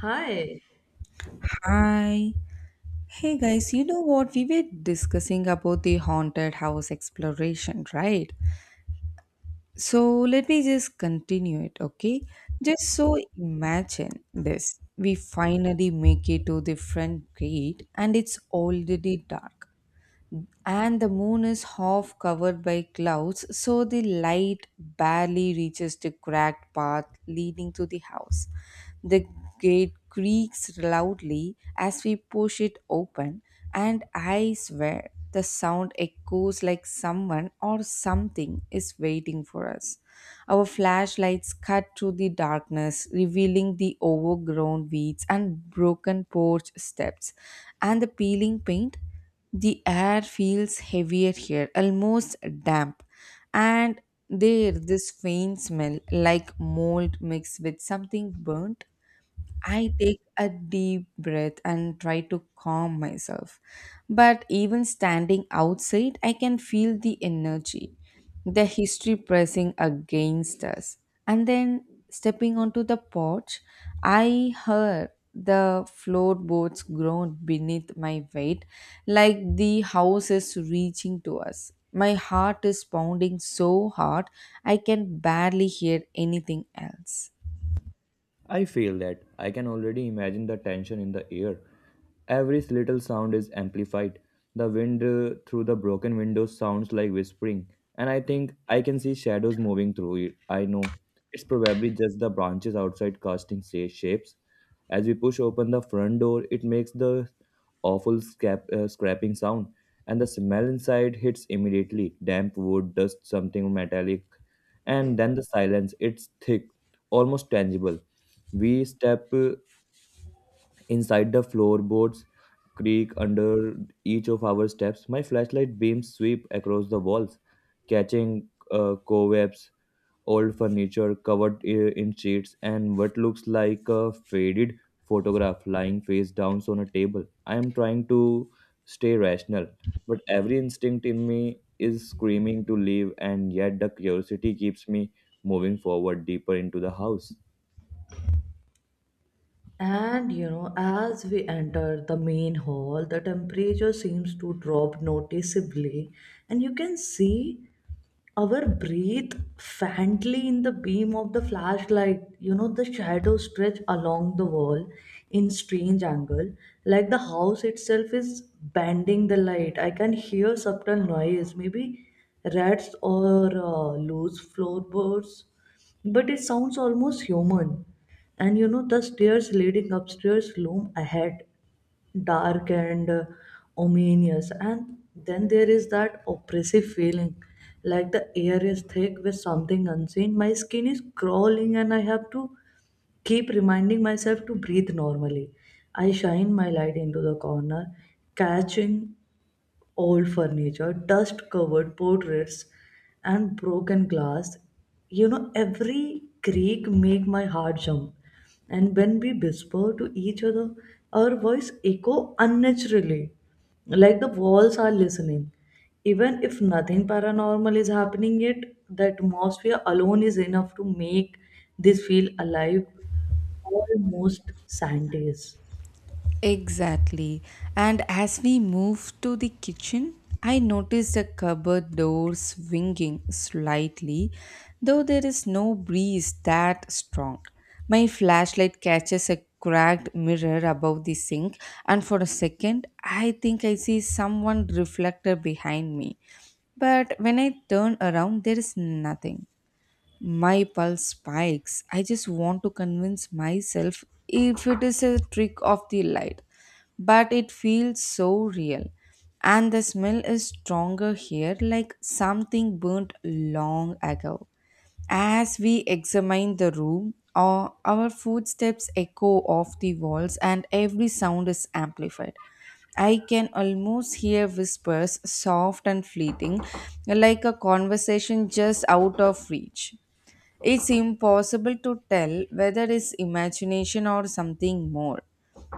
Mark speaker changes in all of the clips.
Speaker 1: Hi.
Speaker 2: Hi. Hey guys, you know what? We were discussing about the haunted house exploration, right? So let me just continue it, okay? Just so imagine this. We finally make it to the front gate and it's already dark. And the moon is half covered by clouds, so the light barely reaches the cracked path leading to the house. The gate creaks loudly as we push it open, and I swear the sound echoes like someone or something is waiting for us. Our flashlights cut through the darkness, revealing the overgrown weeds and broken porch steps and the peeling paint. The air feels heavier here, almost damp. And there, this faint smell like mold mixed with something burnt. I take a deep breath and try to calm myself. But even standing outside, I can feel the energy, the history pressing against us. And then stepping onto the porch, I heard the floorboards groan beneath my weight, like the house is reaching to us. My heart is pounding so hard, I can barely hear anything else.
Speaker 3: I feel that I can already imagine the tension in the air. Every little sound is amplified. The wind through the broken windows sounds like whispering, and I think I can see shadows moving through it. I know it's probably just the branches outside casting shapes, as we push open the front door, it makes the awful scrapping sound, and the smell inside hits immediately damp wood, dust, something metallic. And then the silence, it's thick, almost tangible. We step inside the floorboards, creak under each of our steps. My flashlight beams sweep across the walls, catching cobwebs old furniture covered in sheets, and what looks like a faded photograph lying face down on a table. I am trying to stay rational, but every instinct in me is screaming to leave, and yet the curiosity keeps me moving forward deeper into the house.
Speaker 1: And you know, as we enter the main hall, the temperature seems to drop noticeably, and you can see. Our breathe faintly in the beam of the flashlight. You know, the shadows stretch along the wall in strange angle, like the house itself is bending the light. I can hear subtle noise, maybe rats or loose floorboards, but it sounds almost human. And you know, the stairs leading upstairs loom ahead dark and ominous, and then there is that oppressive feeling like the air is thick with something unseen. My skin is crawling and I have to keep reminding myself to breathe normally. I shine my light into the corner, catching old furniture, dust covered portraits, and broken glass. You know, every creak make my heart jump. And when we whisper to each other, our voice echo unnaturally, like the walls are listening. Even if nothing paranormal is happening yet, the atmosphere alone is enough to make this feel alive, almost Sundays.
Speaker 2: Exactly. And as we moved to the kitchen, I noticed the cupboard door swinging slightly, though there is no breeze that strong. My flashlight catches a cracked mirror above the sink, and for a second, I think I see someone reflected behind me. But when I turn around, there is nothing. My pulse spikes. I just want to convince myself if it is a trick of the light, but it feels so real. And the smell is stronger here, like something burnt long ago. As we examine the room, our footsteps echo off the walls, and every sound is amplified. I can almost hear whispers, soft and fleeting, like a conversation just out of reach. It's impossible to tell whether it's imagination or something more,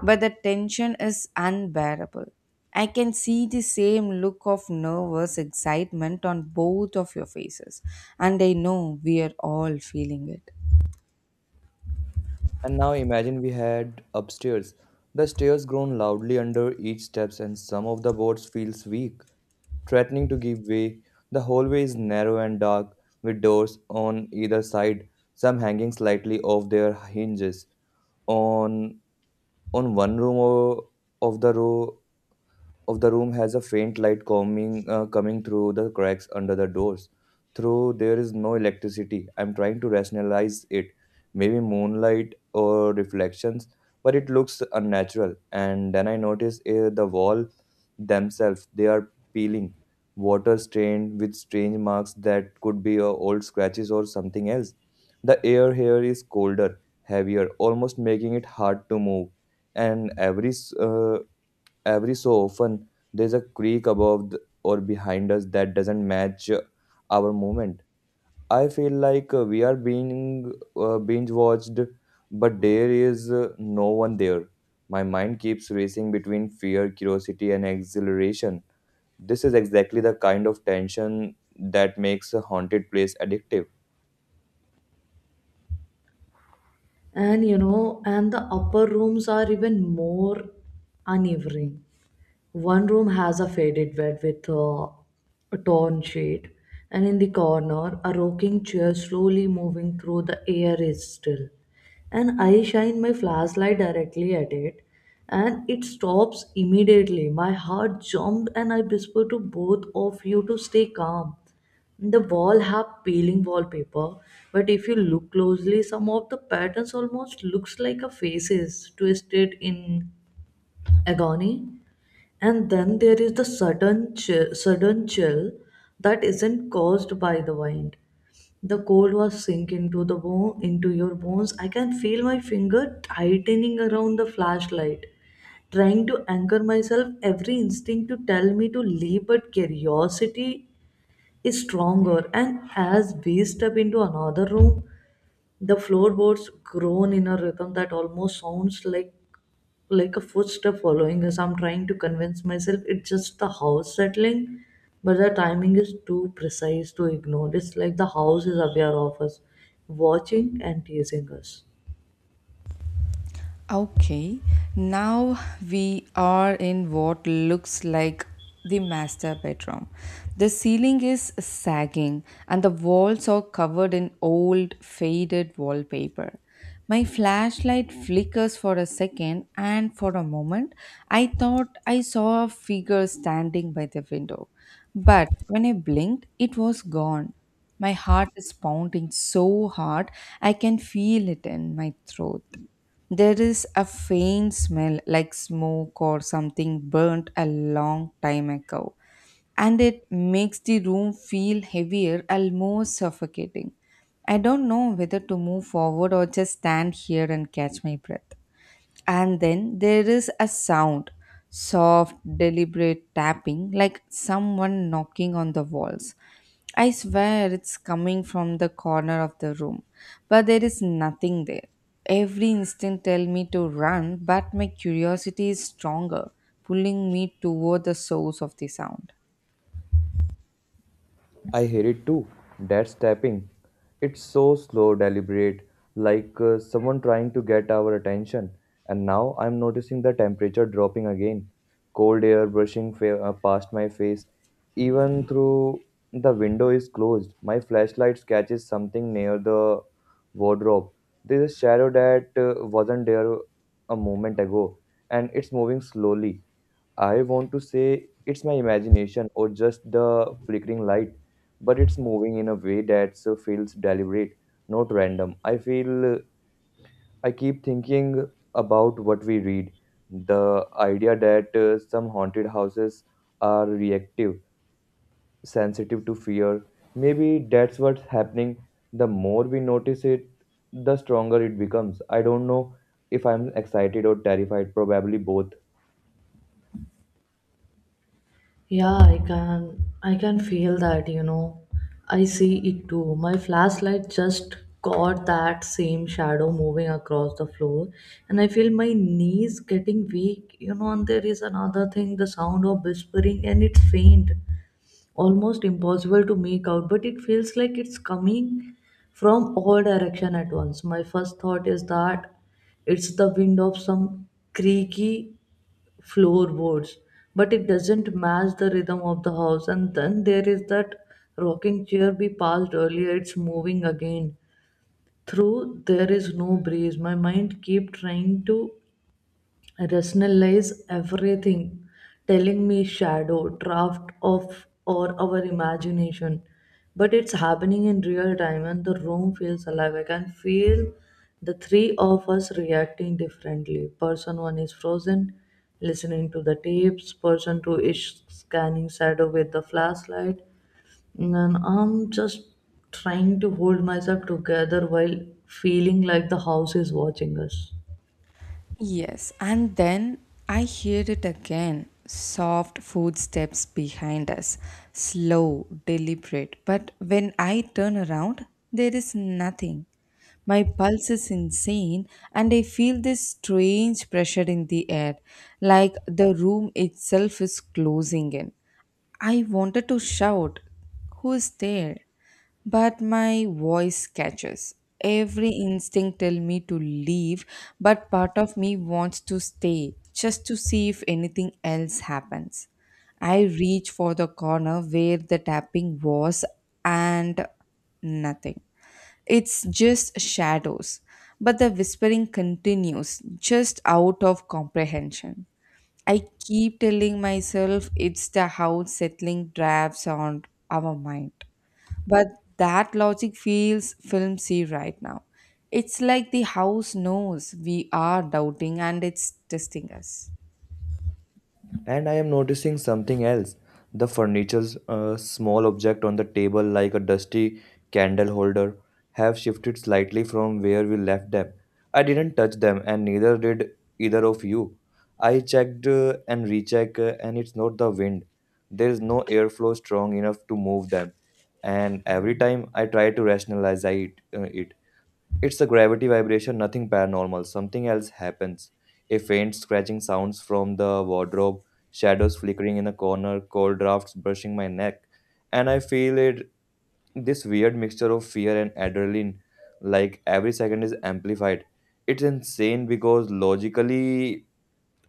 Speaker 2: but the tension is unbearable. I can see the same look of nervous excitement on both of your faces, and I know we are all feeling it.
Speaker 3: And now imagine we had upstairs. The stairs groan loudly under each steps and some of the boards feels weak, threatening to give way. The hallway is narrow and dark, with doors on either side, some hanging slightly off their hinges. On on one room o- of the row of the room has a faint light coming through the cracks under the doors. Through there is no electricity. I'm trying to rationalize it. Maybe moonlight or reflections, but it looks unnatural. And then I notice the wall themselves. They are peeling, water stained with strange marks that could be old scratches or something else. The air here is colder, heavier, almost making it hard to move. And every so often there's a creak or behind us that doesn't match our movement. I feel like we are being binge watched, but there is no one there. My mind keeps racing between fear, curiosity and exhilaration. This is exactly the kind of tension that makes a haunted place addictive.
Speaker 1: And you know, and the upper rooms are even more uneven. One room has a faded bed with a torn sheet, and in the corner a rocking chair slowly moving through the air is still. And I shine my flashlight directly at it and it stops immediately. My heart jumped and I whisper to both of you to stay calm. The wall have peeling wallpaper, but if you look closely, some of the patterns almost looks like a faces twisted in agony. And then there is the sudden chill that isn't caused by the wind. The cold was sink into the bone, into your bones. I can feel my finger tightening around the flashlight, trying to anchor myself. Every instinct to tell me to leave, but curiosity is stronger. And as we step into another room, the floorboards groan in a rhythm that almost sounds like a footstep following us. I'm trying to convince myself it's just the house settling, but the timing is too precise to ignore. It's like the house is aware of us, watching and teasing us.
Speaker 2: Okay, now we are in what looks like the master bedroom. The ceiling is sagging and the walls are covered in old, faded wallpaper. My flashlight flickers for a second, and for a moment, I thought I saw a figure standing by the window. But when I blinked, it was gone. My heart is pounding so hard I can feel it in my throat. There is a faint smell like smoke or something burnt a long time ago, and it makes the room feel heavier, almost suffocating. I don't know whether to move forward or just stand here and catch my breath. And then there is a sound, soft, deliberate tapping, like someone knocking on the walls. I swear it's coming from the corner of the room, but there is nothing there. Every instinct tell me to run, but my curiosity is stronger, pulling me toward the source of the sound.
Speaker 3: I hate it too. That's tapping. It's so slow, deliberate, like someone trying to get our attention. And now I'm noticing the temperature dropping again. Cold air brushing past my face, even through the window is closed. My flashlight catches something near the wardrobe. There's a shadow that wasn't there a moment ago, and it's moving slowly. I want to say it's my imagination or just the flickering light, but it's moving in a way that so feels deliberate, not random. I feel I keep thinking about what we read, the idea that some haunted houses are reactive, sensitive to fear. Maybe that's what's happening. The more we notice it, the stronger it becomes. I don't know if I'm excited or terrified, probably both.
Speaker 1: Yeah, I can feel that, you know. I see it too. My flashlight just caught that same shadow moving across the floor, and I feel my knees getting weak, you know, and there is another thing, the sound of whispering, and it's faint. Almost impossible to make out, but it feels like it's coming from all direction at once. My first thought is that it's the wind of some creaky floorboards, but it doesn't match the rhythm of the house. And then there is that rocking chair we passed earlier, it's moving again through there is no breeze. My mind keep trying to rationalize everything, telling me shadow, draft of, or our imagination. But it's happening in real time and the room feels alive. I can feel the three of us reacting differently. Person one is frozen, listening to the tapes, person two is scanning shadow with the flashlight, and I'm just trying to hold myself together while feeling like the house is watching us.
Speaker 2: Yes, and then I hear it again. Soft footsteps behind us, slow, deliberate. But when I turn around, there is nothing. My pulse is insane, and I feel this strange pressure in the air, like the room itself is closing in. I wanted to shout, "Who is there?" but my voice catches. Every instinct tell me to leave, but part of me wants to stay just to see if anything else happens. I reach for the corner where the tapping was, and nothing. It's just shadows, but the whispering continues just out of comprehension. I keep telling myself it's the house settling drafts on our mind, but that logic feels filmsy right now. It's like the house knows we are doubting and it's testing us.
Speaker 3: And I am noticing something else. The furniture's small object on the table, like a dusty candle holder, have shifted slightly from where we left them. I didn't touch them, and neither did either of you. I checked and rechecked, and it's not the wind. There is no airflow strong enough to move them. And every time I try to rationalize it, it's a gravity vibration, nothing paranormal. Something else happens. A faint scratching sounds from the wardrobe, shadows flickering in a corner, cold drafts brushing my neck, and I feel it, this weird mixture of fear and adrenaline, like every second is amplified. It's insane because logically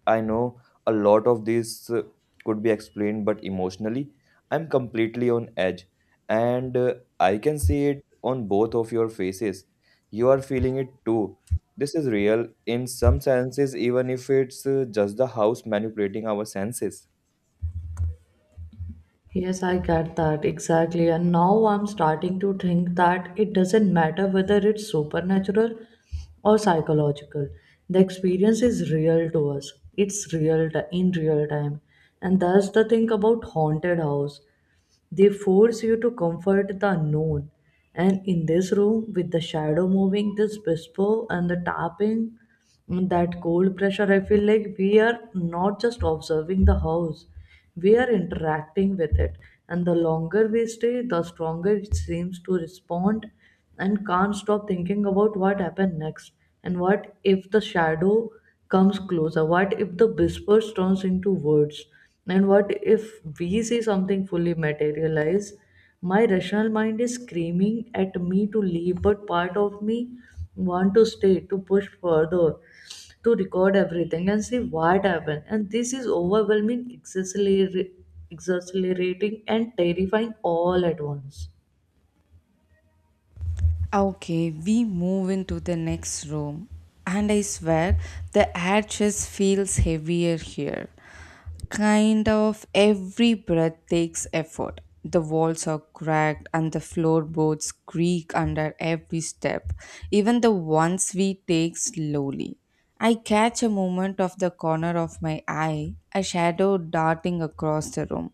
Speaker 3: I know a lot of this could be explained, but emotionally, I'm completely on edge. And I can see it on both of your faces. You are feeling it too. This is real in some senses, even if it's just the house manipulating our senses.
Speaker 1: Yes, I get that exactly. And now I'm starting to think that it doesn't matter whether it's supernatural or psychological. The experience is real to us. It's real in real time. And that's the thing about haunted house. They force you to comfort the unknown. And in this room, with the shadow moving, this whisper and the tapping, mm, that cold pressure, I feel like we are not just observing the house, we are interacting with it. And the longer we stay, the stronger it seems to respond, and can't stop thinking about what happened next. And what if the shadow comes closer, what if the whispers turns into words, and what if we see something fully materialize? My rational mind is screaming at me to leave, but part of me want to stay, to push further, to record everything and see what happened. And this is overwhelming, exasperating and terrifying all at once.
Speaker 2: Okay, we move into the next room, and I swear the air just feels heavier here. Kind of every breath takes effort. The walls are cracked and the floorboards creak under every step. Even the ones we take slowly. I catch a moment of the corner of my eye, a shadow darting across the room.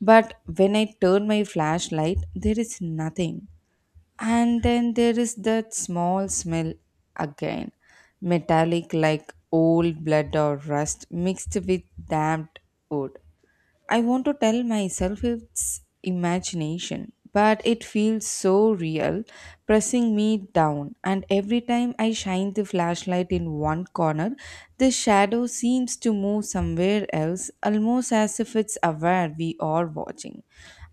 Speaker 2: But when I turn my flashlight, there is nothing. And then there is that small smell again, metallic like old blood or rust mixed with damp wood. I want to tell myself it's imagination, but it feels so real, pressing me down. And every time I shine the flashlight in one corner, the shadow seems to move somewhere else, almost as if it's aware we are watching.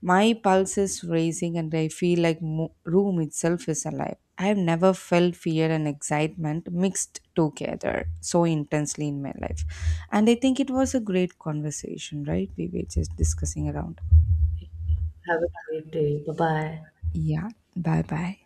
Speaker 2: My pulse is racing and I feel like room itself is alive. I have never felt fear and excitement mixed together so intensely in my life. And I think it was a great conversation, right? We were just discussing around.
Speaker 1: Have a great day. Bye bye.
Speaker 2: Yeah, bye bye.